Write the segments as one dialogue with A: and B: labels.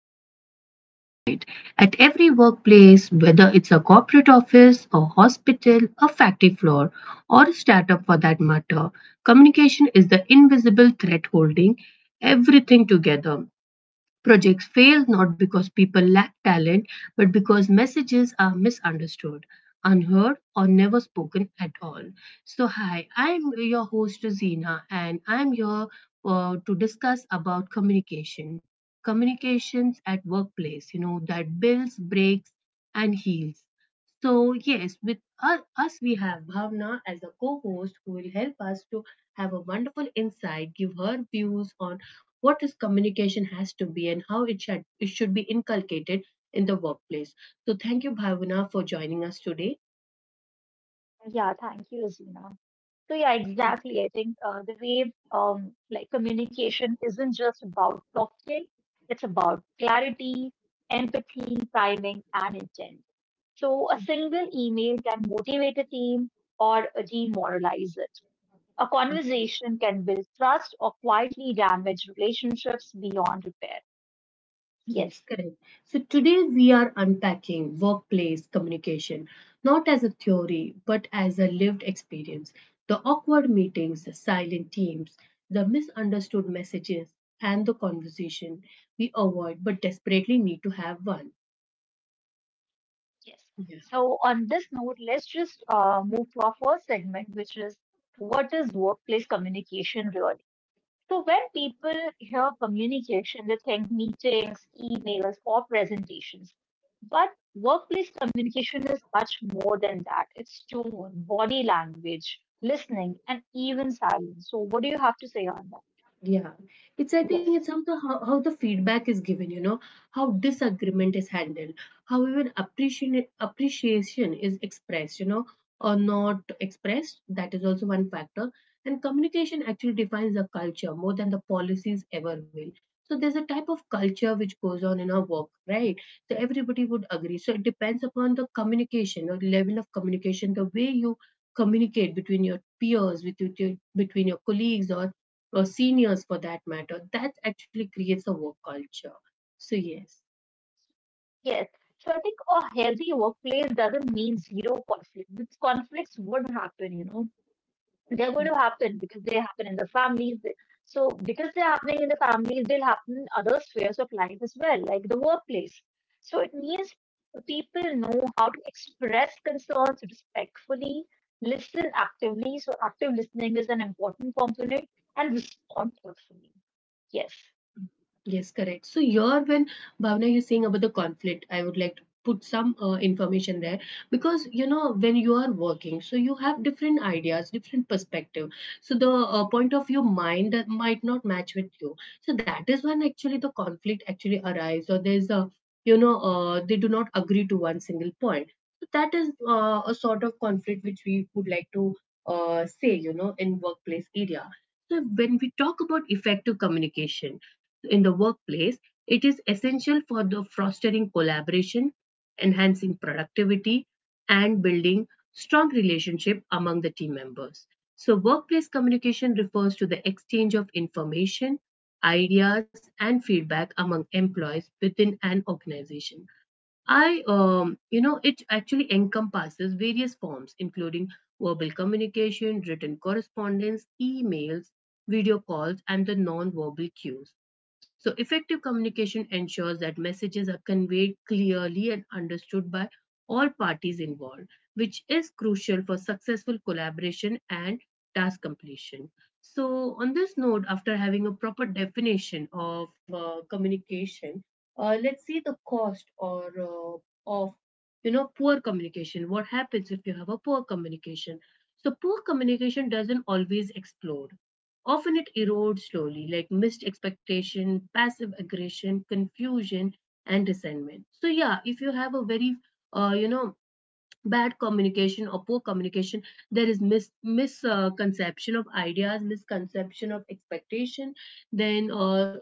A: episode of Say It Right. At every workplace, whether it's a corporate office, a hospital, a factory floor, or a startup for that matter, communication is the invisible thread holding everything together. Projects fail not because people lack talent, but because messages are misunderstood, unheard, or never spoken at all. So, hi, I'm your host Zina, and I'm here to discuss about communication, communications at workplace. You know that builds, breaks, and heals. So, yes, with us we have Bhavna as a co-host who will help us to have a wonderful insight, give her views on what is communication has to be and how it should be inculcated in the workplace. So thank you, Bhavana, for joining us today.
B: Yeah, thank you, Rosina. So yeah, exactly. I think the way like communication isn't just about talking; it's about clarity, empathy, timing, and intent. So a single email can motivate a team or demoralize it. A conversation can build trust or quietly damage relationships beyond repair.
A: Yes,
B: Yes,
A: correct. So today we are unpacking workplace communication, not as a theory, but as a lived experience. The awkward meetings, the silent teams, the misunderstood messages, and the conversation we avoid but desperately need to have one.
B: yes.
A: Yeah.
B: So on this note, let's just move to our first segment, which is what is workplace communication really? So when people hear communication, they think meetings, emails, or presentations. But workplace communication is much more than that. It's tone, body language, listening, and even silence. So what do you have to say on that?
A: Yeah, it's I think it's
B: Yes.
A: how the feedback is given, how disagreement is handled, how even appreciation is expressed, or not expressed. That is also one factor. And communication actually defines the culture more than the policies ever will. So there's a type of culture which goes on in our work, right? So everybody would agree. So it depends upon the communication or level of communication, the way you communicate between your peers, between your colleagues or seniors for that matter, that actually creates a work culture. So, yes.
B: Yes. So I think a healthy workplace doesn't mean zero conflict. Because conflicts would happen, you know, they're going to happen because they happen in the families. So because they're happening in the families, they'll happen in other spheres of life as well, like the workplace. So it means people know how to express concerns respectfully, listen actively. So active listening is an important component, and respond thoughtfully. Yes,
A: Yes, correct. So you're when Bhavna, you're saying about the conflict, I would like to put some information there because you know when you are working, so you have different ideas, different perspective. So the point of your mind that might not match with you. So that is when actually the conflict actually arrives, or there's a you know they do not agree to one single point. So that is a sort of conflict which we would like to say, in workplace area. So when we talk about effective communication in the workplace, it is essential for the fostering collaboration, enhancing productivity, and building strong relationship among the team members. So workplace communication refers to the exchange of information, ideas, and feedback among employees within an organization. It actually encompasses various forms, including verbal communication, written correspondence, emails, video calls, and the non-verbal cues. So, effective communication ensures that messages are conveyed clearly and understood by all parties involved, which is crucial for successful collaboration and task completion. So, on this note, after having a proper definition of communication, let's see the cost or of poor communication. What happens if you have a poor communication? So poor communication doesn't always explode, often it erodes slowly, like missed expectation, passive aggression, confusion, and resentment. So yeah, if you have a very uh, you know bad communication or poor communication, there is misconception of ideas, misconception of expectation, then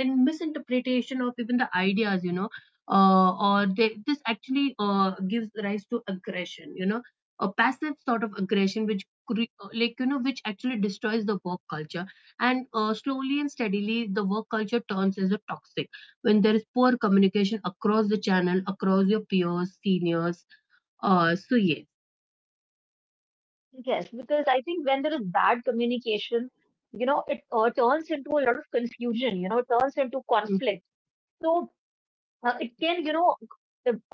A: and misinterpretation of even the ideas, this actually gives rise to aggression, a passive sort of aggression which which actually destroys the work culture, and slowly and steadily the work culture turns as a toxic when there is poor communication across the channel, across your peers, seniors, so yes.
B: yes, because I think when there is bad communication, you know, it turns into a lot of confusion, you know, it turns into
A: Mm,
B: conflict. So, it can, you know,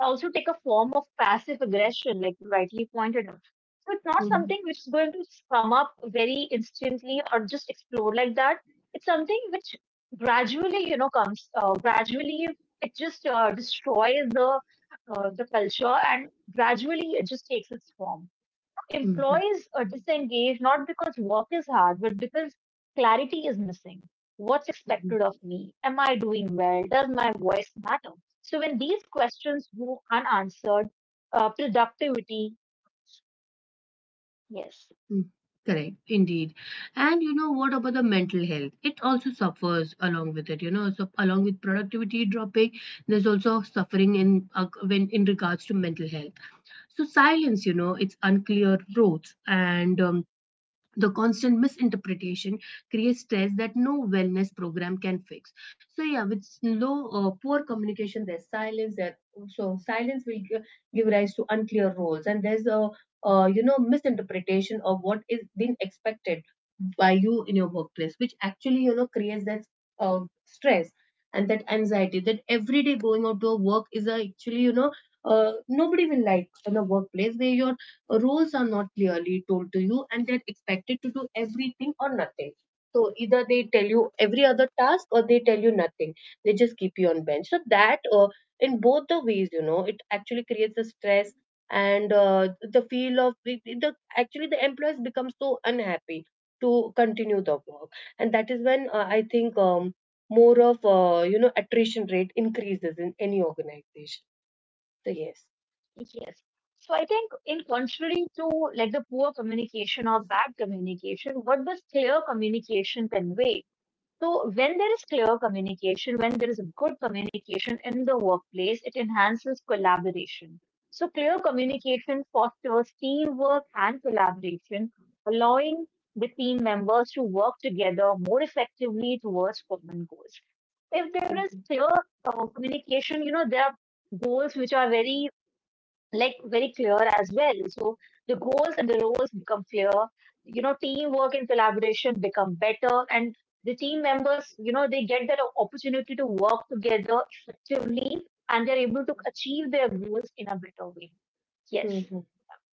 B: also take a form of passive aggression, like you rightly pointed out. So it's not
A: mhm,
B: something which is going to come up very instantly or just explode like that. It's something which gradually, you know, comes, gradually it just destroys the culture, and gradually it just takes its form.
A: mhm,
B: Employees are disengaged not because work is hard, but because clarity is missing. What's
A: mhm,
B: expected of me? Am I doing well? Does my voice matter? So when these questions go unanswered, productivity, yes,
A: mm, correct, indeed. And what about the mental health? It also suffers along with it. So along with productivity dropping, there's also suffering in regards to mental health. So silence, it's unclear roads, and the constant misinterpretation creates stress that no wellness program can fix. So yeah, with low poor communication there's silence there, so silence will give rise to unclear roles, and there's a misinterpretation of what is being expected by you in your workplace, which actually creates that uh, stress and that anxiety that every day going out to a work is a actually, nobody will like in a workplace where your rules are not clearly told to you and they're expected to do everything or nothing. So either they tell you every other task or they tell you nothing, they just keep you on bench, so that in both the ways, it actually creates a stress. And the feel of actually the employees become so unhappy to continue the work, and that is when, I think, more of attrition rate increases in any organization. So yes.
B: yes. So I think in contrary to like the poor communication or bad communication, what does clear communication convey? So when there is clear communication, when there is a good communication in the workplace, it enhances collaboration. So clear communication fosters teamwork and collaboration, allowing the team members to work together more effectively towards common goals. If there is clear communication, you know, there are goals which are very like very clear as well. So the goals and the roles become clear. You know, teamwork and collaboration become better, and the team members, you know, they get that opportunity to work together effectively, and they're able to achieve their goals in a better way. Yes,
A: Hmm.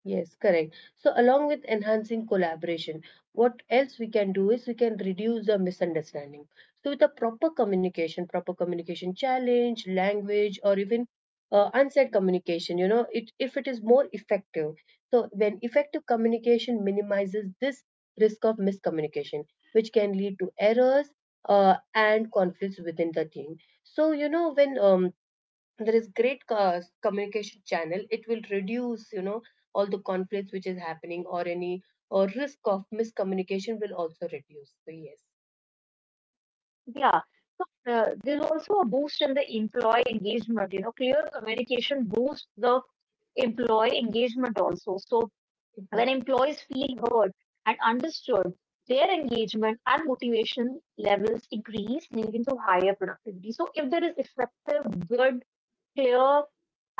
A: Yes, correct. So along with enhancing collaboration, what else we can do is we can reduce the misunderstanding. So with a proper communication challenge, language, or even unsaid communication, you know, it if it is more effective. So when effective communication minimizes this risk of miscommunication, which can lead to errors and conflicts within the team. So when, there is great communication channel, it will reduce, all the conflicts which is happening, or any or risk of miscommunication will also reduce. So yes.
B: yeah. So there's also a boost in the employee engagement. You know, clear communication boosts the employee engagement also. So
A: Mm-hmm.
B: when employees feel heard and understood, their engagement and motivation levels increase, leading to higher productivity. So if there is effective, good, clear,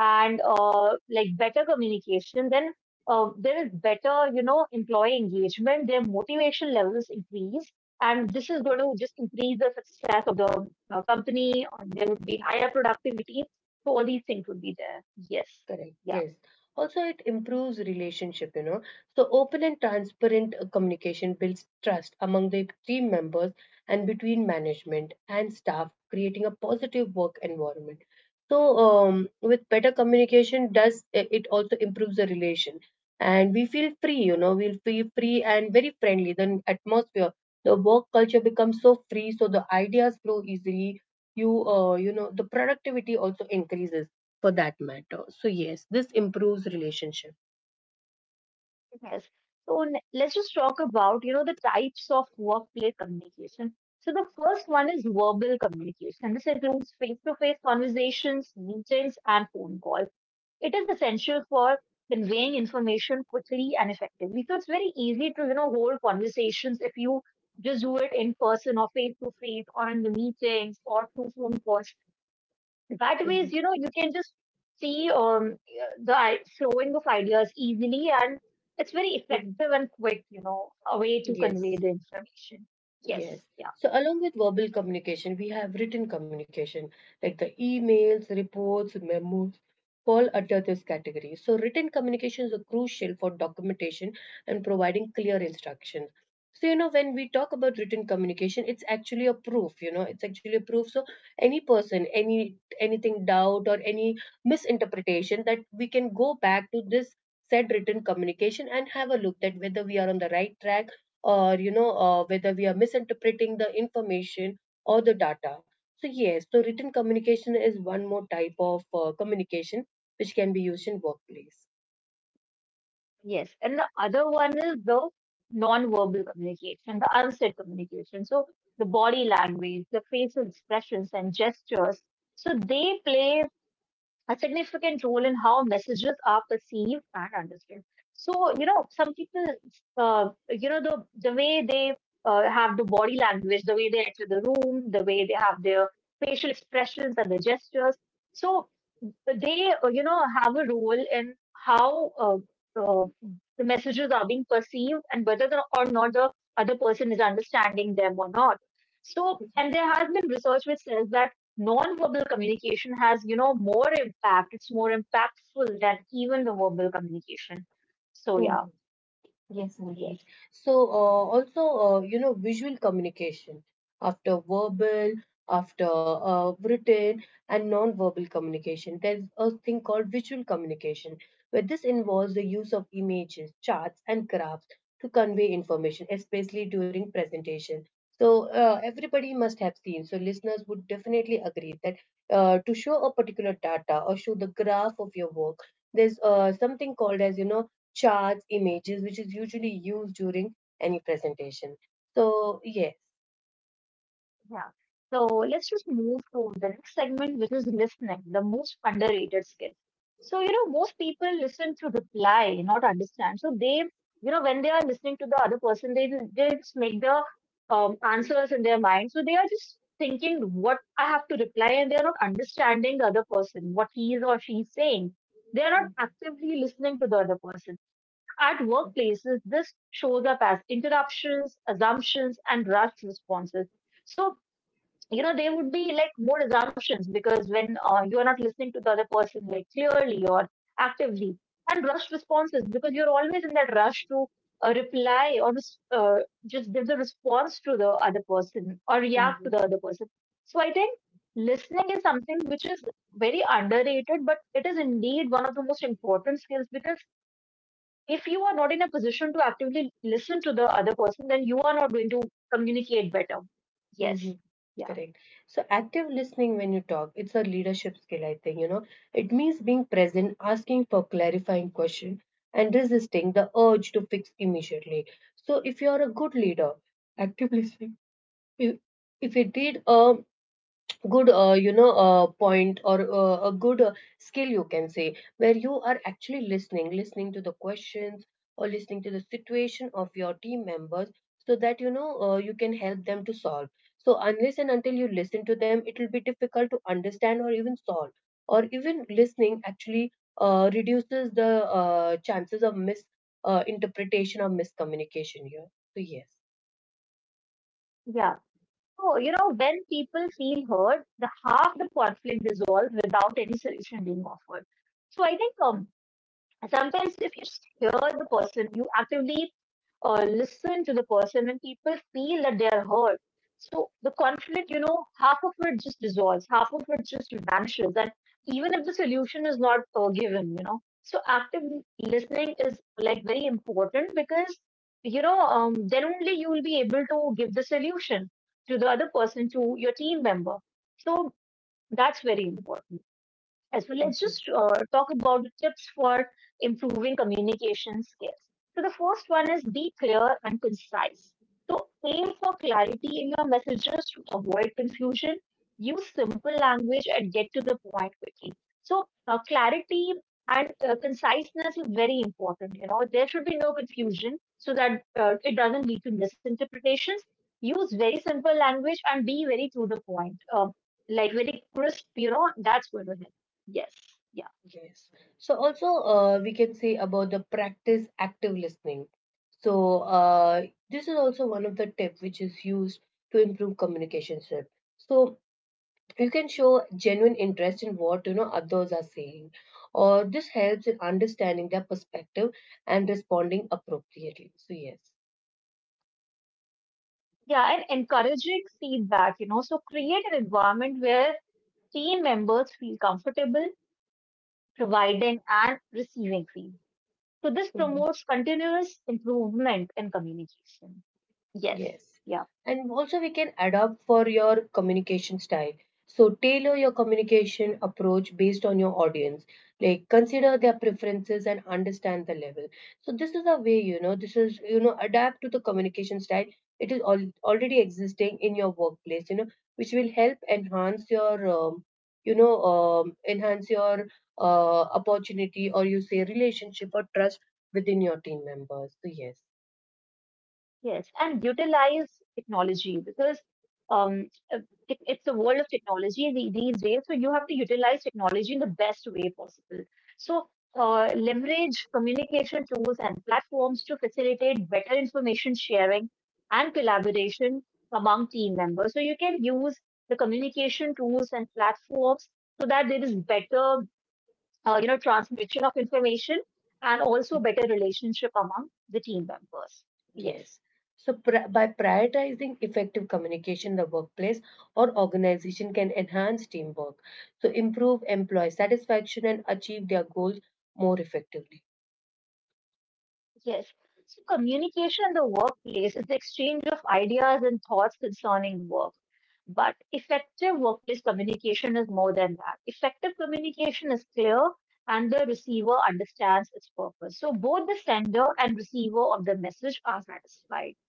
B: and like better communication, then there is better, you know, employee engagement. Their motivation levels increase, and this is going to just increase the success of the company. Or there would be higher productivity. So all these things would be there. Yes.
A: Correct.
B: Yeah.
A: Yes. Also, it improves relationship. So, open and transparent communication builds trust among the team members and between management and staff, creating a positive work environment. So, with better communication, does it also improves the relation, and we'll feel free and very friendly. The atmosphere, the work culture becomes so free, so the ideas flow easily. The productivity also increases for that matter. So yes, this improves relationship.
B: Yes. So let's just talk about, you know, the types of workplace communication. So the first one is verbal communication. This includes face-to-face conversations, meetings, and phone calls. It is essential for conveying information quickly and effectively. So it's very easy to, you know, hold conversations if you just do it in person or face-to-face or in the meetings or through phone calls. That
A: Mhm,
B: ways, you know, you can just see the flowing of ideas easily, and it's very
A: mhm.
B: effective and quick, you know, a way to
A: Yes.
B: convey the information.
A: Yes.
B: Yes, yeah,
A: So, along with verbal communication, we have written communication like the emails, reports, memos, fall under this category. So, written communications are crucial for documentation and providing clear instructions. So, when we talk about written communication, it's actually a proof, it's actually a proof. So, any person, anything doubt or any misinterpretation, that we can go back to this said written communication and have a look that whether we are on the right track, or whether we are misinterpreting the information or the data. So yes, so written communication is one more type of communication which can be used in workplace.
B: yes. And the other one is the non-verbal communication, the unsaid communication. So the body language, the facial expressions and gestures. So they play a significant role in how messages are perceived and understood. So, you know, some people, you know, the way they have the body language, the way they enter the room, the way they have their facial expressions and their gestures. So, so they you know have a role in how uh, the messages are being perceived and whether the, or not the other person is understanding them or not. So and there has been research which says that non-verbal communication has, you know, more impact. It's more impactful than even the verbal communication. So yeah,
A: Mhm. Yes, indeed.
B: yes.
A: So, also, visual communication after verbal, after written, and non-verbal communication. There's a thing called visual communication, where this involves the use of images, charts, and graphs to convey information, especially during presentation. So, everybody must have seen. So, listeners would definitely agree that to show a particular data or show the graph of your work, there's something called as, charts, images, which is usually used during any presentation. So, yes.
B: Yeah. So let's just move to the next segment, which is listening, the most underrated skill. So, you know, most people listen to reply, not understand. So they, you know, when they are listening to the other person, they just make the answers in their mind. So they are just thinking what I have to reply, and they're not understanding the other person, what he is or she is saying. They are not
A: Mhm.
B: actively listening to the other person. At workplaces, this shows up as interruptions, assumptions, and rushed responses. So you know there would be like more assumptions because when you are not listening to the other person like clearly or actively, and rushed responses because you're always in that rush to reply or just give the response to the other person or react to the
A: Mhm.
B: other person. So I think listening is something which is very underrated, but it is indeed one of the most important skills, because if you are not in a position to actively listen to the other person, then you are not going to communicate better. Yes,
A: Mm-hmm.
B: yeah,
A: Correct. So active listening when you talk, it's a leadership skill, I think. It means being present, asking for clarifying question, and resisting the urge to fix immediately. So if you're a good leader, active listening, if if you did a good point, or a good skill you can say, where you are actually listening to the questions, or listening to the situation of your team members, so that you can help them to solve. So unless and until you listen to them, it will be difficult to understand or even solve. Or even listening actually reduces the chances of mis interpretation or miscommunication here. So yes.
B: yeah. So, you know, when people feel heard, the half the conflict dissolves without any solution being offered. So I think sometimes, if you just hear the person, you actively listen to the person, and people feel that they're heard. So the conflict, you know, half of it just dissolves, half of it just vanishes, and even if the solution is not given, you know. So active listening is like very important, because you know then only you will be able to give the solution to the other person, to your team member. So that's very important as well. Let's
A: Mm-hmm.
B: just talk about the tips for improving communication skills. So the first one is be clear and concise. So aim for clarity in your messages to avoid confusion. Use simple language and get to the point quickly. So clarity and conciseness is very important. You know there should be no confusion so that it doesn't lead to misinterpretations. Use very simple language and be very to the point. Um, like very crisp, you know, that's going to help. Yes. Yeah.
A: Yes. So also we can say about the practice active listening. So this is also one of the tip which is used to improve communication skill. So you can show genuine interest in what others are saying, or this helps in understanding their perspective and responding appropriately. So yes.
B: Yeah. And encouraging feedback, you know, so create an environment where team members feel comfortable providing and receiving feedback. So this
A: Mm-hmm.
B: promotes continuous improvement in communication. Yes.
A: Yes.
B: Yeah.
A: And also, we can adapt for your communication style. So, tailor your communication approach based on your audience. Like, consider their preferences and understand the level. So, this is a way, you know, this is, you know, adapt to the communication style. It is al already existing in your workplace, which will help enhance your opportunity, or you say relationship or trust within your team members. So, yes.
B: Yes, and utilize technology because um, uh, it- it's a world of technology these days. So you have to utilize technology in the best way possible. So leverage communication tools and platforms to facilitate better information sharing and collaboration among team members. So you can use the communication tools and platforms so that there is better, you know, transmission of information, and also better relationship among the team members.
A: Yes.
B: Yes.
A: So, pri by prioritizing effective communication in the workplace or organization can enhance teamwork, so improve employee satisfaction and achieve their goals more effectively.
B: Yes. So communication in the workplace is the exchange of ideas and thoughts concerning work. But effective workplace communication is more than that. Effective communication is clear and the receiver understands its purpose. So both the sender and receiver of the message are satisfied.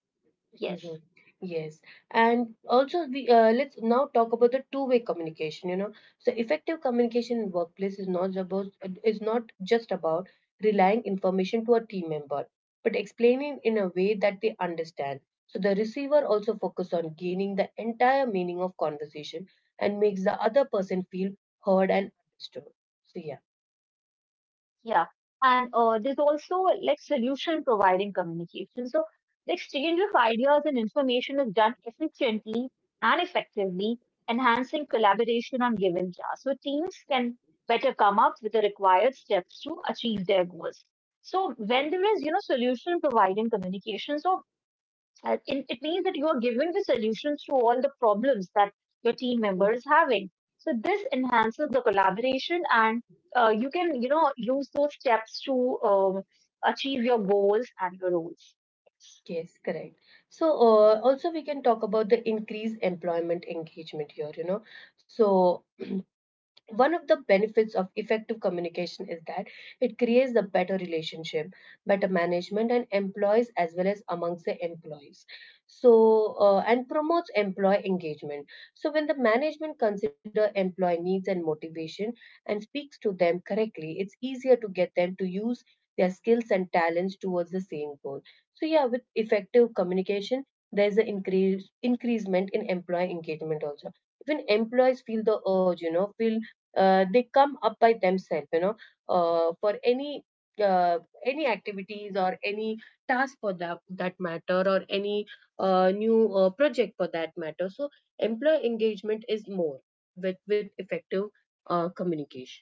A: Mhm.
B: Yes.
A: Yes, and also we let's now talk about the two-way communication. So effective communication in workplace is not just about relying information to a team member, but explaining in a way that they understand. So the receiver also focus on gaining the entire meaning of conversation and makes the other person feel heard and understood. So
B: Yeah, and there's also like solution providing communication. So the exchange of ideas and information is done efficiently and effectively, enhancing collaboration on given tasks. So teams can better come up with the required steps to achieve their goals. So when there is, you know, solution providing communication, so it means that you are giving the solutions to all the problems that your team member
A: yeah.
B: is having. So this enhances the collaboration, and you can you know use those steps to achieve your goals and your roles.
A: Yes, correct. So, also we can talk about the increased employment engagement here, you know. So, one of the benefits of effective communication is that it creates a better relationship, better management and employees as well as amongst the employees, so and promotes employee engagement. So when the management consider employee needs and motivation and speaks to them correctly, it's easier to get them to use their skills and talents towards the same goal. So yeah, with effective communication there's an increasement in employee engagement also. When employees feel the urge, you know, feel, they come up by themselves, you know, for uh, any activities or any task for that matter, or any new project for that matter. So employee engagement is more with effective communication.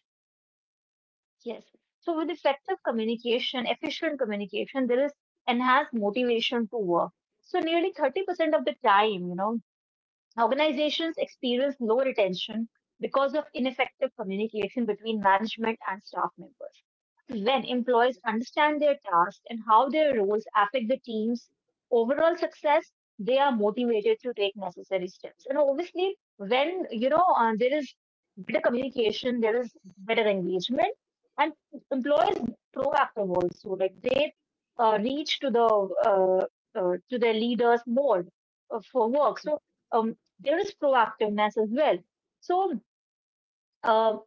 B: Yes. So with effective communication, efficient communication, there is enhanced motivation to work. So nearly 30% of the time, you know, organizations experience low retention because of ineffective communication between management and staff members. When employees understand their tasks and how their roles affect the team's overall success, they are motivated to take necessary steps. And obviously, when you know there is better communication, there is better engagement, and employees are proactive also. Like they reach to the uh, to their leaders more for work. So um, there is proactiveness as well. So uh,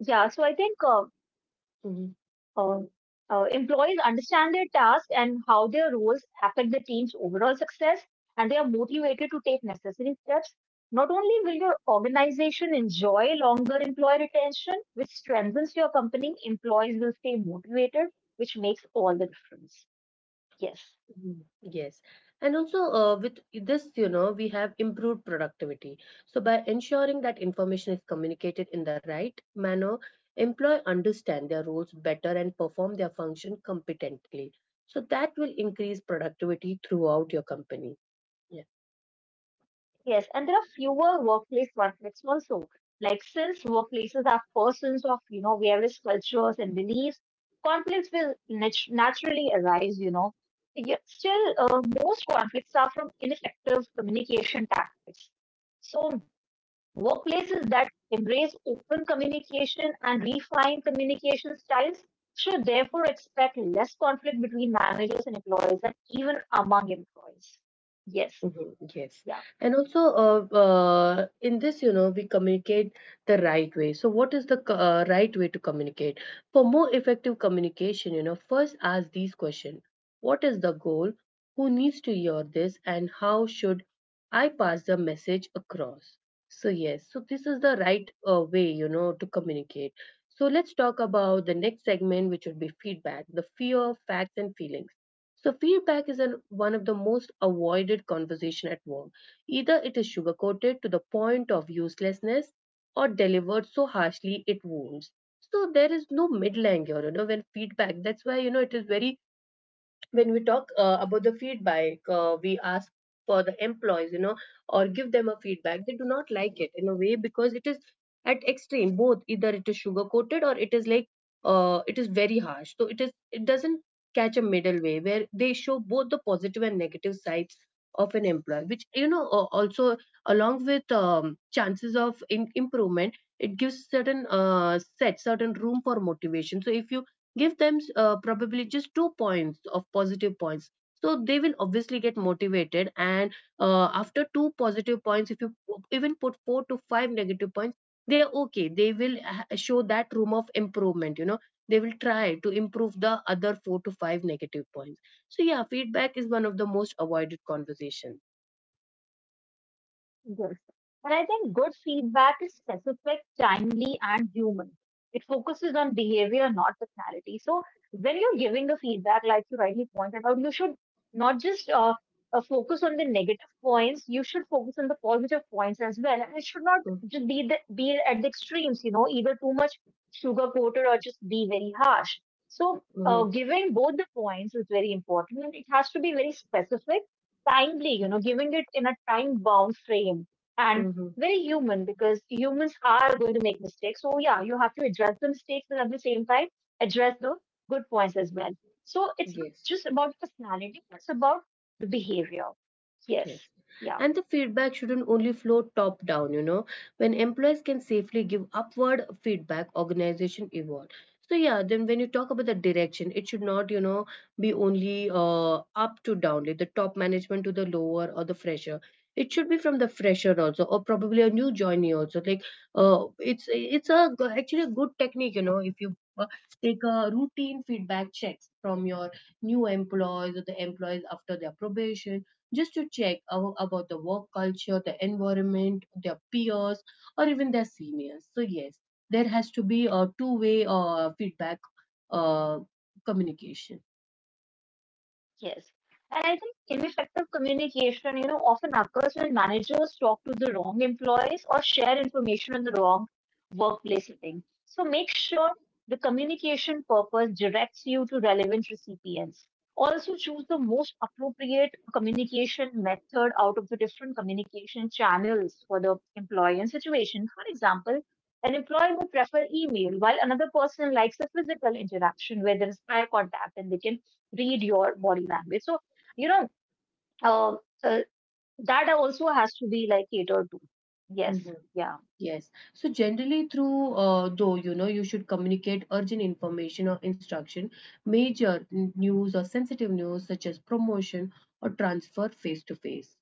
B: yeah, so I think
A: Mhm.
B: uh, employees understand their task and how their roles affect the team's overall success, and they are motivated to take necessary steps. Not only will your organization enjoy longer employee retention, which strengthens your company, employees will stay motivated, which makes all the difference. Yes.
A: Mhm. Yes. And also, with this, you know, we have improved productivity. So, by ensuring that information is communicated in the right manner, employee understand their roles better and perform their function competently. So that will increase productivity throughout your company. Yeah.
B: Yes, and there are fewer workplace conflicts also. Like since workplaces are persons of, you know, various cultures and beliefs, conflicts will naturally arise, you know. Yet still, most conflicts are from ineffective communication tactics. So workplaces that embrace open communication and refine communication styles should therefore expect less conflict between managers and employees and even among employees. Yes,
A: Mhm. Yes.
B: yeah.
A: And also, in this, you know, we communicate the right way. So what is the right way to communicate? For more effective communication, you know, first ask these questions. What is the goal? Who needs to hear this? And how should I pass the message across? So yes, so this is the right way, you know, to communicate. So let's talk about the next segment, which would be feedback, the fear, facts, and feelings. So feedback is one of the most avoided conversation at work. Either it is sugar coated to the point of uselessness, or delivered so harshly it wounds. So there is no middle ground, you know, when feedback. That's why, you know, it is very, when we talk about the feedback, we ask for the employees, you know, or give them a feedback, they do not like it in a way, because it is at extreme both, either it is sugar coated, or it is like, it is very harsh, so it is, it doesn't catch a middle way where they show both the positive and negative sides of an employee, which, you know, also along with chances of improvement, it gives certain, set certain room for motivation. So if you give them, probably just two points of positive points, so they will obviously get motivated, and after two positive points, if you even put four to five negative points, they are okay, they will show that room of improvement, you know, they will try to improve the other four to five negative points. So yeah, feedback is one of the most avoided conversations.
B: Yes. And I think good feedback is specific, timely, and human. It focuses on behavior, not personality. So when you're giving the feedback, like you rightly pointed out, you should not just focus on the negative points. You should focus on the positive points as well. And it should not just be be at the extremes. You know, either too much sugar coated or just be very harsh. So
A: Mm-hmm.
B: giving both the points is very important. And it has to be very specific, timely, you know, giving it in a time bound frame, and
A: Mm-hmm.
B: very human because humans are going to make mistakes. So, yeah, you have to address the mistakes, but at the same time, address the good points as well. So, it's not
A: Yes.
B: just about personality, it's about the behavior. Yes.
A: Yes.
B: Yeah.
A: And the feedback shouldn't only flow top down, you know. When employees can safely give upward feedback, organization evolve. So yeah, then when you talk about the direction, it should not, you know, be only up to down, like the top management to the lower or the fresher. It should be from the fresher also, or probably a new joinee also. Like, actually a good technique, you know, if you take a routine feedback checks from your new employees or the employees after their probation, just to check about the work culture, the environment, their peers, or even their seniors. So yes, there has to be a two way feedback uh, communication.
B: Yes. And I think ineffective communication, you know, often occurs when managers talk to the wrong employees or share information in the wrong workplace setting. So make sure the communication purpose directs you to relevant recipients. Also choose the most appropriate communication method out of the different communication channels for the employee and situation. For example, an employee would prefer email while another person likes a physical interaction where there is eye contact and they can read your body language. So, you know, uh, uh, that also has to be like catered to. Yes.
A: Mhm.
B: Yeah.
A: Yes. So generally through though, you know, you should communicate urgent information or instruction, major news or sensitive news such as promotion or transfer face to face.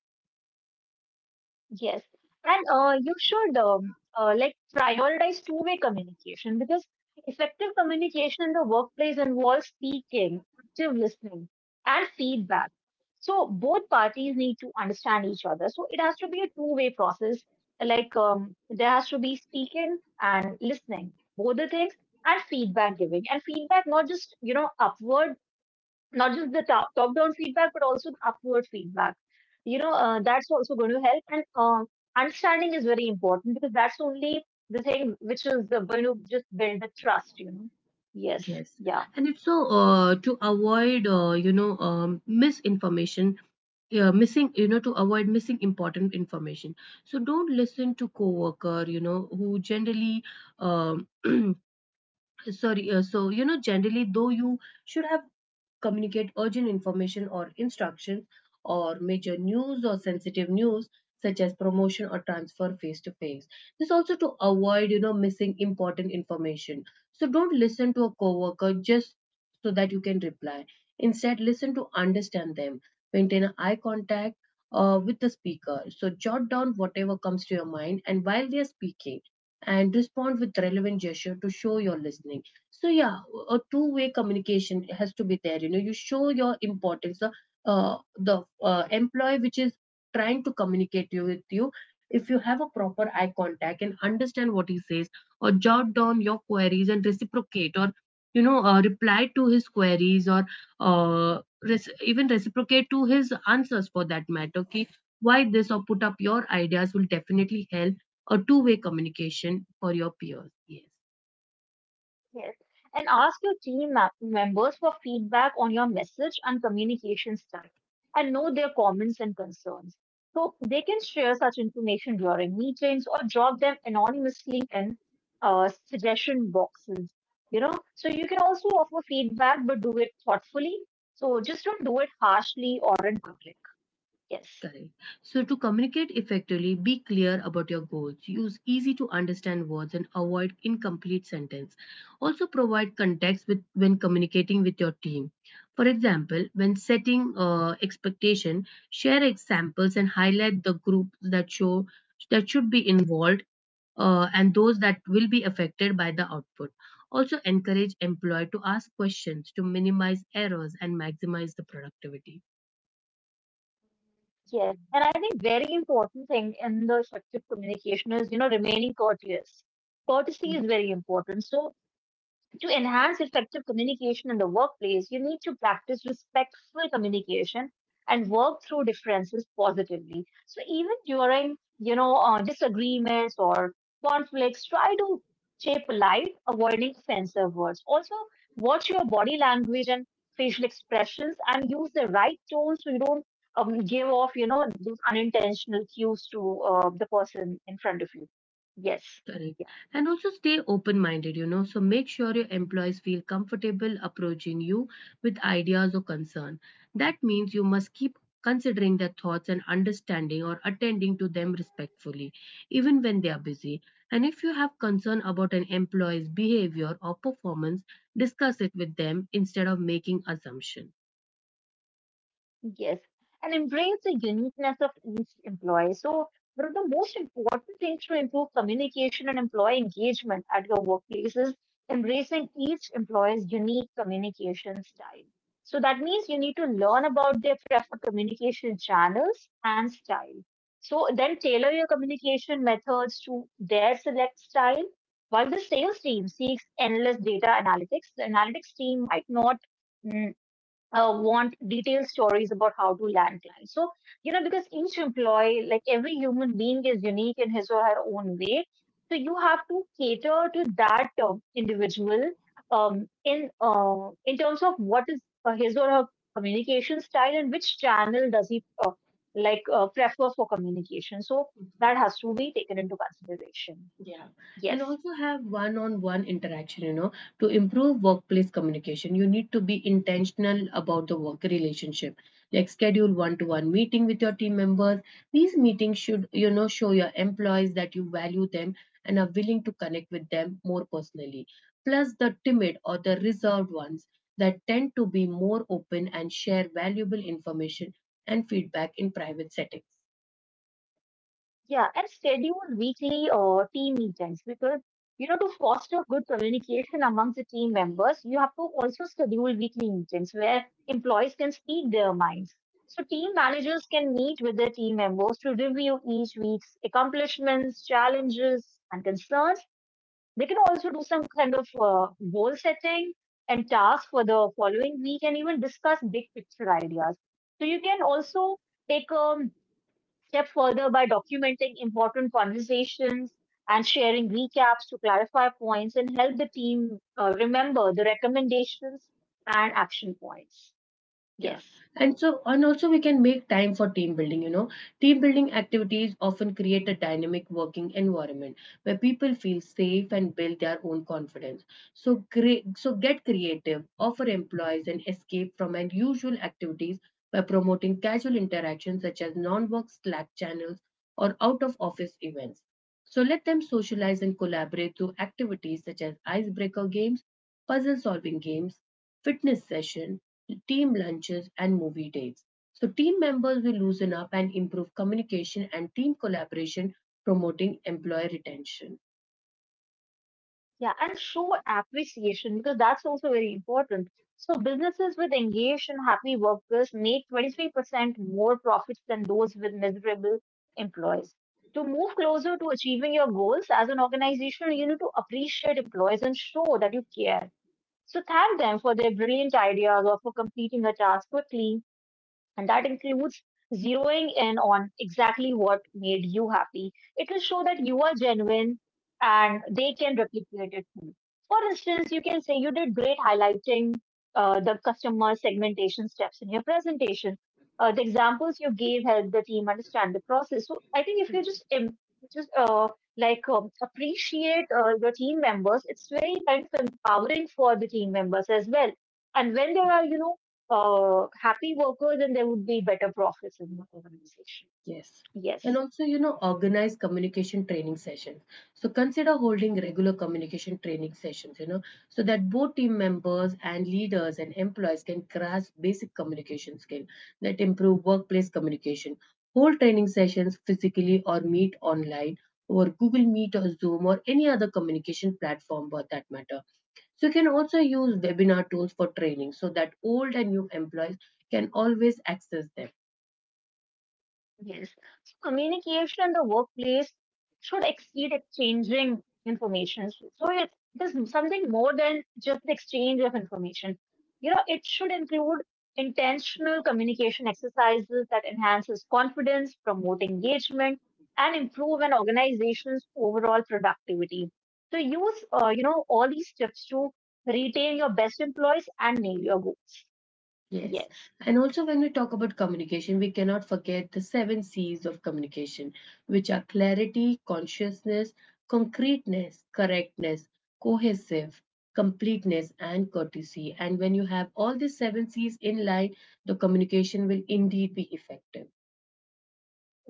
B: Yes, and you should like prioritize two-way communication because effective communication in the workplace involves speaking, active listening, and feedback. So both parties need to understand each other. So it has to be a two-way process. Like there has to be speaking and listening, both the things, and feedback giving, and feedback not just you know upward, not just the top down feedback but also the upward feedback, you know, that's also going to help, and understanding is very important because that's only the thing which is going to just build the trust, you know. Yes,
A: Yes.
B: yeah.
A: And it's so to avoid, you know, misinformation. Yeah, missing, you know, to avoid missing important information. So don't listen to coworker, you know, who generally um sorry, so you know, generally though you should have communicate urgent information or instructions, or major news or sensitive news such as promotion or transfer face to face. This also to avoid, you know, missing important information. So don't listen to a coworker just so that you can reply. Instead, listen to understand them. Maintain an eye contact with the speaker. So jot down whatever comes to your mind and while they are speaking, and respond with relevant gesture to show you're listening. So yeah, a two-way communication has to be there, you know. You show your importance, the employee which is trying to communicate you with you, if you have a proper eye contact and understand what he says, or jot down your queries and reciprocate, or you know, reply to his queries, or even reciprocate to his answers for that matter. Okay, why this, or put up your ideas will definitely help a two-way communication for your peers. Yes.
B: Yes. And ask your team members for feedback on your message and communication style and know their comments and concerns. So they can share such information during meetings or drop them anonymously in suggestion boxes, you know. So you can also offer feedback, but do it thoughtfully. So just don't do it harshly or in public. Yes.
A: Correct. So to communicate effectively, be clear about your goals. Use easy to understand words and avoid incomplete sentence. Also, provide context with, when communicating with your team. For example, when setting expectation, share examples and highlight the groups that show that should be involved, and those that will be affected by the output. Also, encourage employee to ask questions to minimize errors and maximize the productivity.
B: Yes. And I think very important thing in the effective communication is, you know, remaining courteous. Courtesy is very important. So to enhance effective communication in the workplace, you need to practice respectful communication and work through differences positively. So even during, you know, disagreements or conflicts, try to stay polite, avoiding offensive words. Also, watch your body language and facial expressions and use the right tone so you don't give off, you know, those unintentional cues to the person in front of you. Yes. Yeah.
A: Correct. And also stay open minded, you know. So make sure your employees feel comfortable approaching you with ideas or concern. That means you must keep considering their thoughts and understanding, or attending to them respectfully, even when they are busy. And if you have concern about an employee's behavior or performance, discuss it with them instead of making assumption.
B: Yes, and embrace the uniqueness of each employee. So, one of the most important things to improve communication and employee engagement at your workplace is embracing each employee's unique communication style. So, that means you need to learn about their preferred communication channels and style. So, then tailor your communication methods to their select style. While the sales team seeks endless data analytics, the analytics team might not, mm, want detailed stories about how to land clients. So, you know, because each employee, like every human being, is unique in his or her own way. So, you have to cater to that individual, in terms of what is his or her communication style and which channel does he like prefer for communication. So, that has to be taken into consideration.
A: Yeah, and
B: Yes.
A: also have one on one interaction, you know, to improve workplace communication. You need to be intentional about the work relationship, like schedule one to one meeting with your team members. These meetings should, you know, show your employees that you value them and are willing to connect with them more personally. Plus, the timid or the reserved ones that tend to be more open and share valuable information and feedback in private settings.
B: Yeah, and schedule weekly or team meetings because you know to foster good communication amongst the team members, you have to also schedule weekly meetings where employees can speak their minds. So team managers can meet with their team members to review each week's accomplishments, challenges, and concerns. They can also do some kind of goal setting and tasks for the following week, and even discuss big picture ideas. So you can also take a step further by documenting important conversations and sharing recaps to clarify points and help the team remember the recommendations and action points.
A: Yeah.
B: Yes.
A: And so, and also we can make time for team building, you know. Team building activities often create a dynamic working environment where people feel safe and build their own confidence. So create so get creative, offer employees an escape from unusual activities by promoting casual interactions such as non-work Slack channels or out-of-office events. So let them socialize and collaborate through activities such as icebreaker games, puzzle solving games, fitness session, team lunches, and movie dates. So team members will loosen up and improve communication and team collaboration, promoting employee retention.
B: Yeah. And show appreciation because that's also very important. So, businesses with engaged and happy workers made 23% more profits than those with miserable employees. To move closer to achieving your goals as an organization, you need to appreciate employees and show that you care. So thank them for their brilliant ideas or for completing a task quickly, and that includes zeroing in on exactly what made you happy. It will show that you are genuine and they can replicate it too. For instance, you can say you did great highlighting the customer segmentation steps in your presentation. The examples you gave helped the team understand the process. So I think if you just just uh, appreciate your team members, it's very kind of empowering for the team members as well. And when there are you know happy workers, and there would be better profits in the organization.
A: Yes. And
B: Yes.
A: also, you know, organize communication training sessions. So consider holding regular communication training sessions, you know, so that both team members and leaders and employees can grasp basic communication skill that improve workplace communication. Hold training sessions physically or meet online over Google Meet or Zoom or any other communication platform for that matter. So you can also use webinar tools for training so that old and new employees can always access them.
B: Yes. So communication in the workplace should exceed exchanging information. So it is something more than just the exchange of information. You know, it should include intentional communication exercises that enhances confidence, promote engagement, and improve an organization's overall productivity. So use, you know, all these tips to retain your best employees and nail your goals.
A: Yes.
B: Yes.
A: And also, when we talk about communication, we cannot forget the seven C's of communication, which are clarity, consciousness, concreteness, correctness, cohesive, completeness, and courtesy. And when you have all these seven C's in line, the communication will indeed be effective.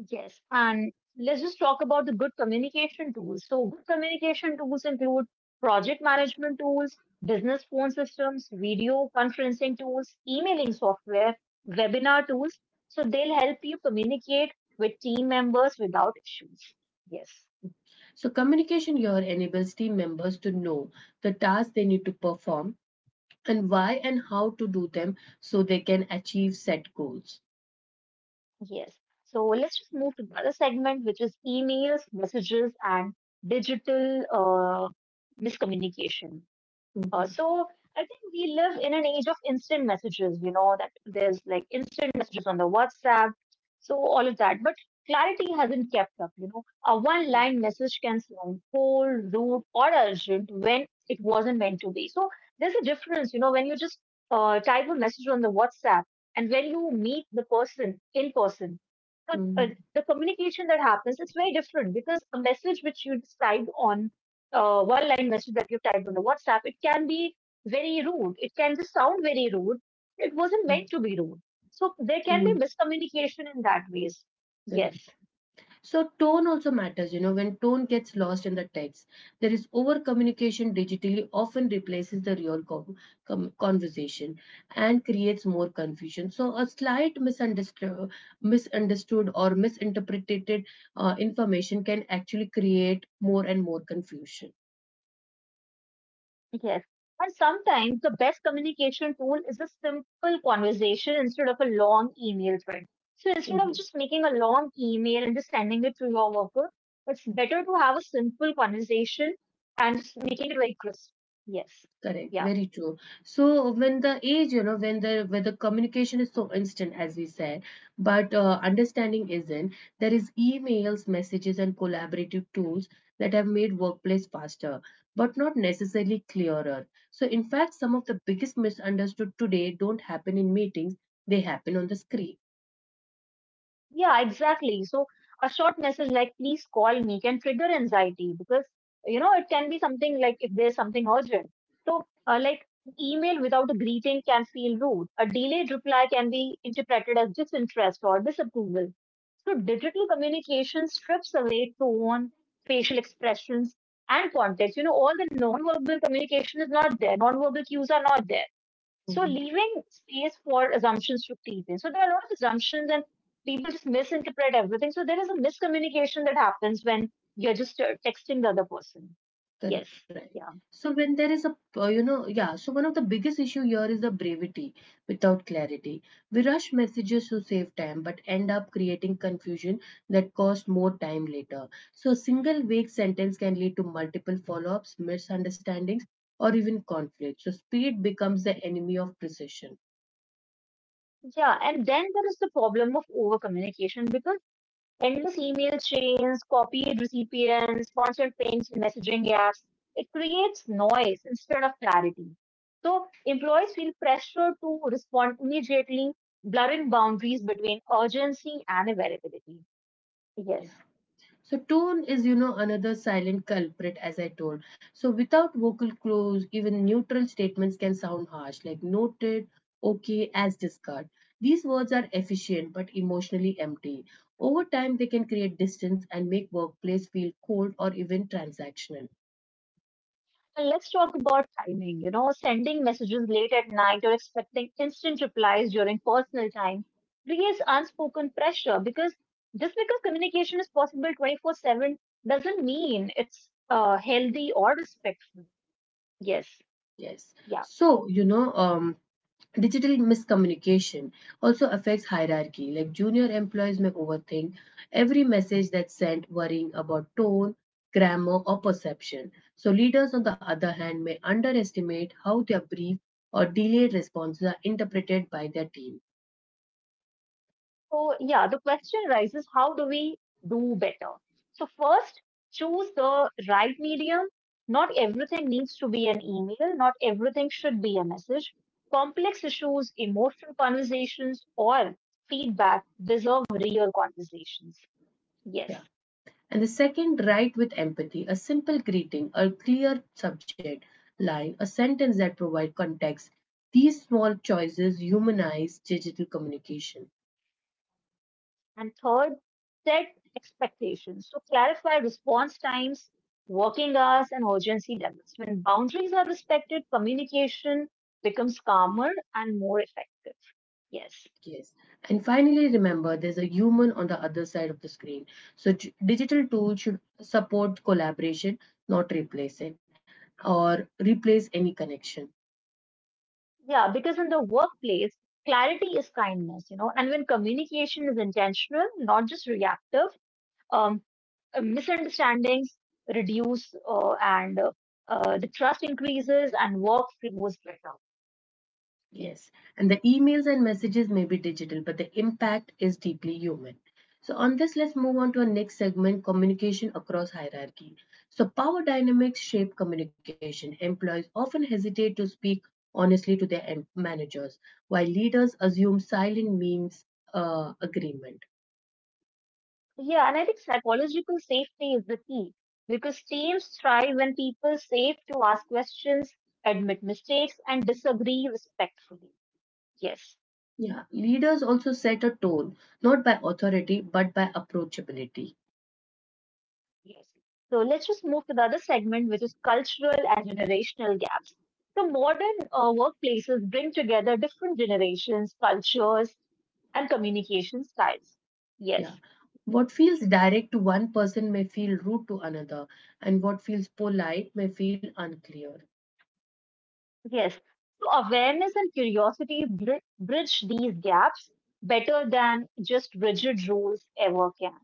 B: Yes, and let's just talk about the good communication tools. So, good communication tools include project management tools, business phone systems, video conferencing tools, emailing software, webinar tools. So, they'll help you communicate with team members without issues. Yes,
A: So communication here enables team members to know the tasks they need to perform, and why and how to do them, so they can achieve set goals.
B: yes. So, let's just move to the other segment, which is emails, messages, and digital miscommunication.
A: Mm,
B: So I think we live in an age of instant messages, you know, that there's like instant messages on the WhatsApp, so all of that. But clarity hasn't kept up, you know. A one line message can sound cold, rude, or urgent when it wasn't meant to be. So there's a difference, you know, when you just type a message on the WhatsApp and when you meet the person in person. So,
A: mm,
B: the communication that happens, it's very different because a message which you type on one line message that you typed on the WhatsApp, it can be very rude. It can just sound very rude. It wasn't
A: mm,
B: meant to be rude. So there can be
A: mm,
B: miscommunication in that ways.
A: Correct.
B: Yes,
A: So tone also matters, you know. When tone gets lost in the text, there is over communication digitally often replaces the real conversation and creates more confusion. So a slight misunderstood or misinterpreted information can actually create more and more confusion.
B: yes. And sometimes the best communication tool is a simple conversation instead of a long email thread. So instead of
A: Mhm.
B: just making a long email and just sending it to your worker, it's better to have a simple conversation and just making it very crisp. Yes.
A: Correct,
B: Yeah.
A: very true. So when the age, you know, when the communication is so instant, as we said, but understanding isn't. There is emails, messages, and collaborative tools that have made workplace faster, but not necessarily clearer. So in fact, some of the biggest misunderstood today don't happen in meetings; they happen on the screen.
B: Yeah, exactly. So a short message like please call me can trigger anxiety because you know it can be something like if there's something urgent. So like email without a greeting can feel rude. A delayed reply can be interpreted as disinterest or disapproval. So digital communication strips away tone, facial expressions, and context. You know, all the non-verbal communication is not there. Non-verbal cues are not there. So
A: Mhm.
B: leaving space for assumptions to creep in. So there are a lot of assumptions and people just misinterpret everything. So there is a miscommunication that happens when you're just texting the other person. Yes.
A: Correct, right.
B: Yeah.
A: So when there is a, one of the biggest issue here is the brevity without clarity. We rush messages to save time, but end up creating confusion that costs more time later. So a single vague sentence can lead to multiple follow-ups, misunderstandings, or even conflict. So speed becomes the enemy of precision.
B: Yeah. And then there is the problem of over communication because endless email chains, copied recipients, constant pings, messaging apps, it creates noise instead of clarity. So employees feel pressure to respond immediately, blurring boundaries between urgency and availability. Yes.
A: Yeah. So tone is, you know, another silent culprit, as I told. So without vocal clues, even neutral statements can sound harsh, like noted, okay, as discard. These words are efficient but emotionally empty. Over time, they can create distance and make workplace feel cold or even transactional.
B: And let's talk about timing. You know, sending messages late at night or expecting instant replies during personal time creates unspoken pressure because just because communication is possible 24/7 doesn't mean it's healthy or respectful. Yes.
A: Yes.
B: Yeah.
A: So, you know, um, Digital miscommunication also affects hierarchy, like junior employees may overthink every message that's sent, worrying about tone, grammar, or perception. So leaders, on the other hand, may underestimate how their brief or delayed responses are interpreted by their team.
B: So, yeah, the question arises, how do we do better? So, first, choose the right medium. Not everything needs to be an email, not everything should be a message. Complex issues, emotional conversations, or feedback deserve real conversations.
A: Yeah.
B: Yes.
A: And the second, write with empathy. A simple greeting, a clear subject line, a sentence that provides context. These small choices humanize digital communication.
B: And third, set expectations. So, clarify response times, working hours, and urgency levels. When boundaries are respected, communication becomes calmer and more effective. Yes.
A: Yes. And finally, remember there's a human on the other side of the screen. So, digital tools should support collaboration, not replace it or replace any connection.
B: Yeah, because in the workplace, clarity is kindness, you know, and when communication is intentional, not just reactive, um, misunderstandings reduce, and the trust increases and work flows better.
A: Yes,
B: Yes.
A: and the emails and messages may be digital, but the impact is deeply human. So, on this, let's move on to our next segment, communication across hierarchy. So power dynamics shape communication. Employees often hesitate to speak honestly to their managers, while leaders assume silent means agreement.
B: Yeah, and I think psychological safety is the key because teams thrive when people safe to ask questions, admit mistakes, and disagree respectfully. Yes.
A: Yeah, leaders also set a tone, not by authority, but by approachability.
B: Yes. So let's just move to the other segment, which is cultural and generational gaps. So modern workplaces bring together different generations, cultures, and communication styles.
A: Yeah.
B: Yes,
A: What feels direct to one person may feel rude to another, and what feels polite may feel unclear.
B: yes. So awareness and curiosity bridge these gaps better than just rigid rules ever can.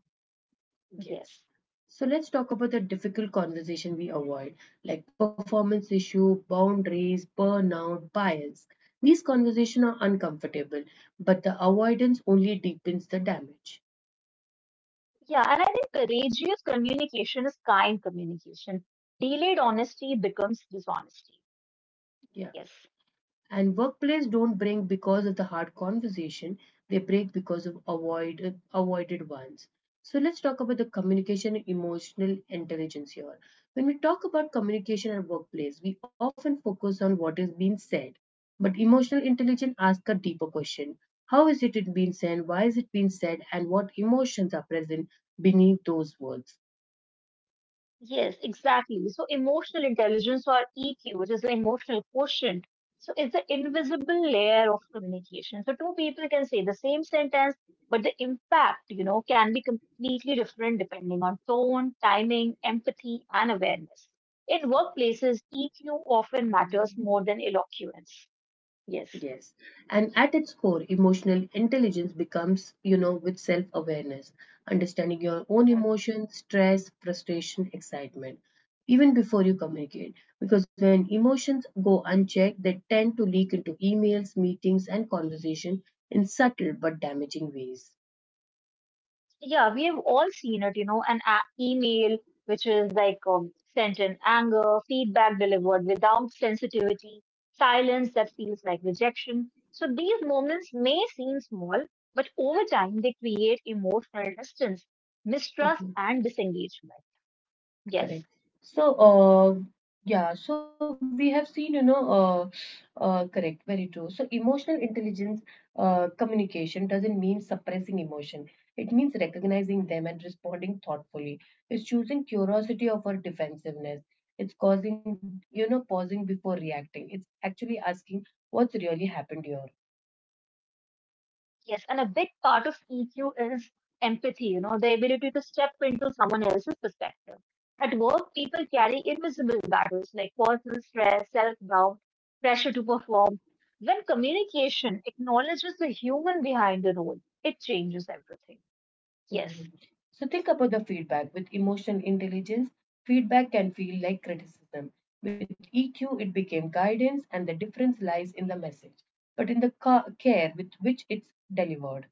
A: Yes.
B: Yes.
A: So let's talk about the difficult conversation we avoid, like performance issue, boundaries, burnout, bias. These conversations are uncomfortable, but the avoidance only deepens the damage.
B: Yeah, and I think courageous communication is kind communication. Delayed honesty becomes dishonesty.
A: Yeah.
B: Yes.
A: And workplace don't break because of the hard conversation, they break because of avoided ones. So let's talk about the communication and emotional intelligence here. When we talk about communication at workplace, we often focus on what is being said. But emotional intelligence asks a deeper question. How is it being said? Why is it being said? And what emotions are present beneath those words?
B: Yes, exactly. So emotional intelligence, or EQ, which is the emotional quotient. So it's the invisible layer of communication. So two people can say the same sentence, but the impact, you know, can be completely different depending on tone, timing, empathy, and awareness. In workplaces, EQ often matters more than eloquence. Yes.
A: Yes. And at its core, emotional intelligence becomes, you know, with self awareness, understanding your own emotions, stress, frustration, excitement, even before you communicate. Because when emotions go unchecked, they tend to leak into emails, meetings, and conversation in subtle but damaging ways.
B: Yeah, we have all seen it, you know, an email which is like sent in anger, feedback delivered without sensitivity, silence that feels like rejection. So these moments may seem small, but over time they create emotional distance, mistrust, and disengagement. Yes.
A: Correct. So, uh, yeah, so we have seen, correct, very true. So, emotional intelligence communication doesn't mean suppressing emotion. It means recognizing them and responding thoughtfully. It's choosing curiosity over defensiveness. It's causing, you know, pausing before reacting. It's actually asking what's really happened here.
B: Yes, and a big part of EQ is empathy, you know, the ability to step into someone else's perspective. At work, people carry invisible battles like personal stress, self doubt, pressure to perform. When communication acknowledges the human behind the role, it changes everything.
A: Mhm.
B: Yes.
A: So think about the feedback. With emotional intelligence, feedback can feel like criticism. With EQ, it became guidance, and the difference lies in the message, but in the care with which it's delivered.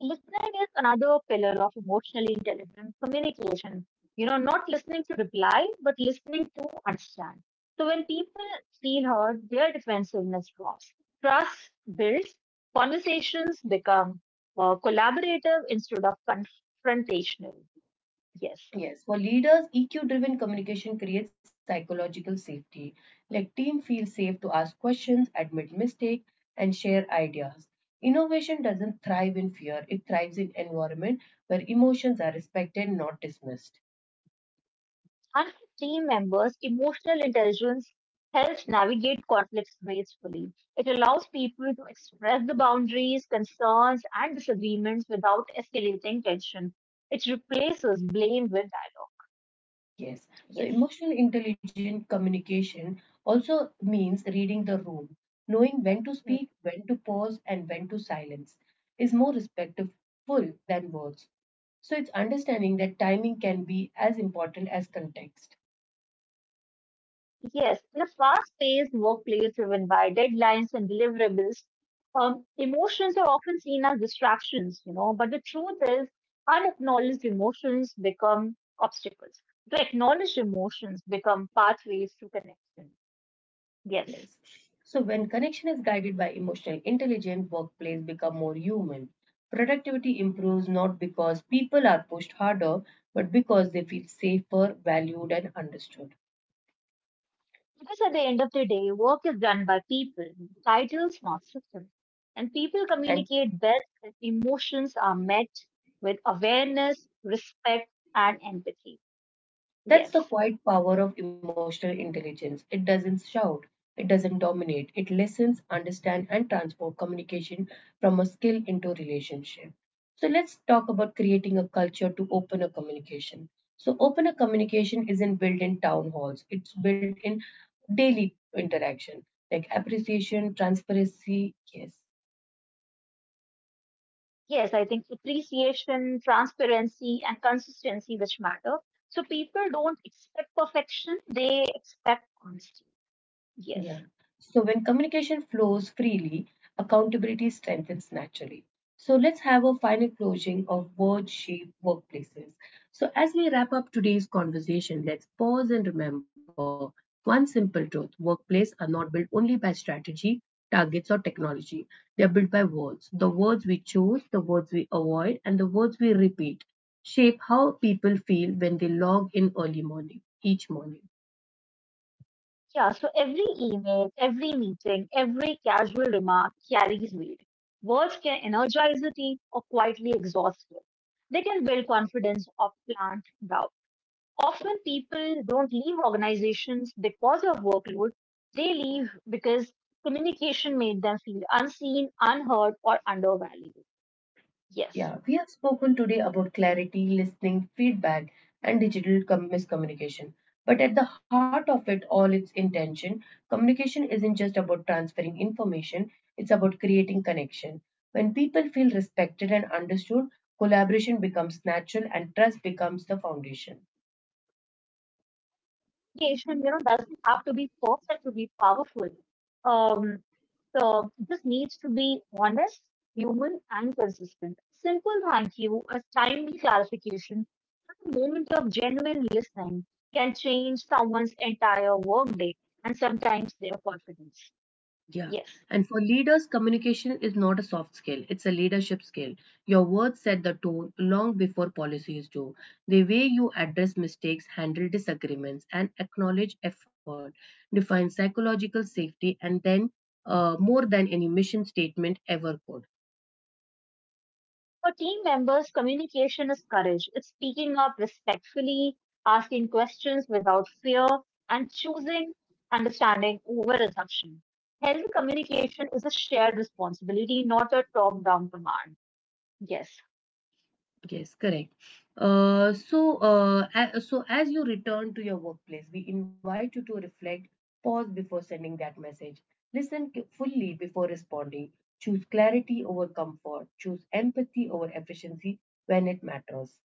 B: Listening is another pillar of emotional intelligent communication. You know, not listening to reply, but listening to understand. So when people feel heard, their defensiveness drops. Trust builds. Conversations become collaborative instead of confrontational. Yes.
A: Yes, for leaders, EQ driven communication creates psychological safety. Like team feels safe to ask questions, admit mistakes, and share ideas. Innovation doesn't thrive in fear, it thrives in environment where emotions are respected, not dismissed.
B: Unlike team members, emotional intelligence helps navigate conflicts gracefully. It allows people to express the boundaries, concerns, and disagreements without escalating tension. It replaces blame with dialogue.
A: Yes. So
B: Yes.
A: emotional intelligent communication also means reading the room, knowing when to speak, when to pause, and when to silence is more respectful than words. So it's understanding that timing can be as important as context.
B: Yes, in a fast paced workplace driven by deadlines and deliverables, emotions are often seen as distractions, you know, but the truth is unacknowledged emotions become obstacles. The acknowledged emotions become pathways to connection.
A: Yes.
B: Yes.
A: So when connection is guided by emotional intelligence, workplace become more human. Productivity improves not because people are pushed harder, but because they feel safer, valued, and understood.
B: Because at the end of the day, work is done by people, titles, not systems. And people
A: And
B: communicate best if emotions are met with awareness, respect, and empathy.
A: that's the
B: Yes.
A: quiet power of emotional intelligence. It doesn't shout, it doesn't dominate, it listens, understands, and transforms communication from a skill into a relationship. So let's talk about creating a culture to open a communication. So open a communication isn't built in town halls, it's built in daily interaction, like appreciation, transparency, yes.
B: Yes, I think appreciation, transparency, and consistency which matter. So people don't expect perfection, they expect honesty.
A: Yeah.
B: Yes.
A: So when communication flows freely, accountability strengthens naturally. So let's have a final closing of word shape workplaces. So as we wrap up today's conversation, let's pause and remember one simple truth: workplaces are not built only by strategy, targets, or technology. They are built by words. The words we choose, the words we avoid, and the words we repeat shape how people feel when they log in early morning, each morning.
B: Yeah, so every email, every meeting, every casual remark carries weight. Words can energize a team or quietly exhaust it. They can build confidence or plant doubt. Often people don't leave organizations because of workload. They leave because communication made them feel unseen, unheard, or undervalued.
A: Yeah,
B: Yes.
A: we have spoken today about clarity, listening, feedback, and digital miscommunication. But at the heart of it all, its intention. Communication isn't just about transferring information, it's about creating connection. When people feel respected and understood, collaboration becomes natural and trust becomes the foundation.
B: Communication, you know, doesn't have to be perfect to be powerful. Um, so this needs to be honest, human, and consistent. Simple thank you, a timely clarification, a moment of genuine listening can change someone's entire workday and sometimes their confidence.
A: Yeah.
B: Yes.
A: And for leaders, communication is not a soft skill, it's a leadership skill. Your words set the tone long before policies do. The way you address mistakes, handle disagreements, and acknowledge effort defines psychological safety, and then more than any mission statement ever could.
B: For team members, communication is courage. It's speaking up respectfully, asking questions without fear, and choosing understanding over assumption. Healthy communication is a shared responsibility, not a top down command. Yes,
A: Yes, correct. So so as you return to your workplace, we invite you to reflect, pause before sending that message, listen fully before responding, choose clarity over comfort, choose empathy over efficiency when it matters.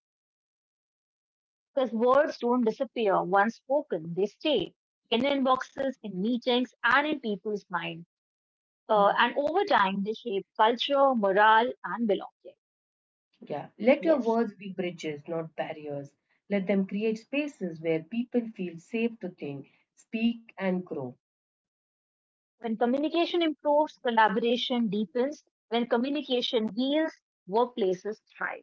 B: because words don't disappear once spoken, they stay in inboxes, in meetings, and in people's mind. Uh,
A: Mhm.
B: and over time, they shape culture, morale, and belonging.
A: Yeah, let your
B: Yes.
A: words be bridges, not barriers. Let them create spaces where people feel safe to think, speak, and grow.
B: When communication improves, collaboration deepens. When communication heals, workplaces thrive.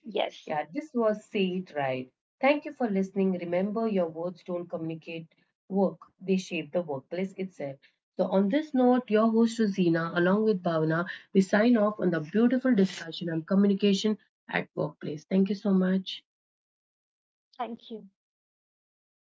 B: Yes,
A: Yeah, this was See It Right. Thank you for listening. Remember, your words don't communicate work, they shape the workplace itself. So, on this note, your host Rosina, along with Bhavana, we sign off on the beautiful discussion on communication at workplace. Thank you so much.
B: thank you.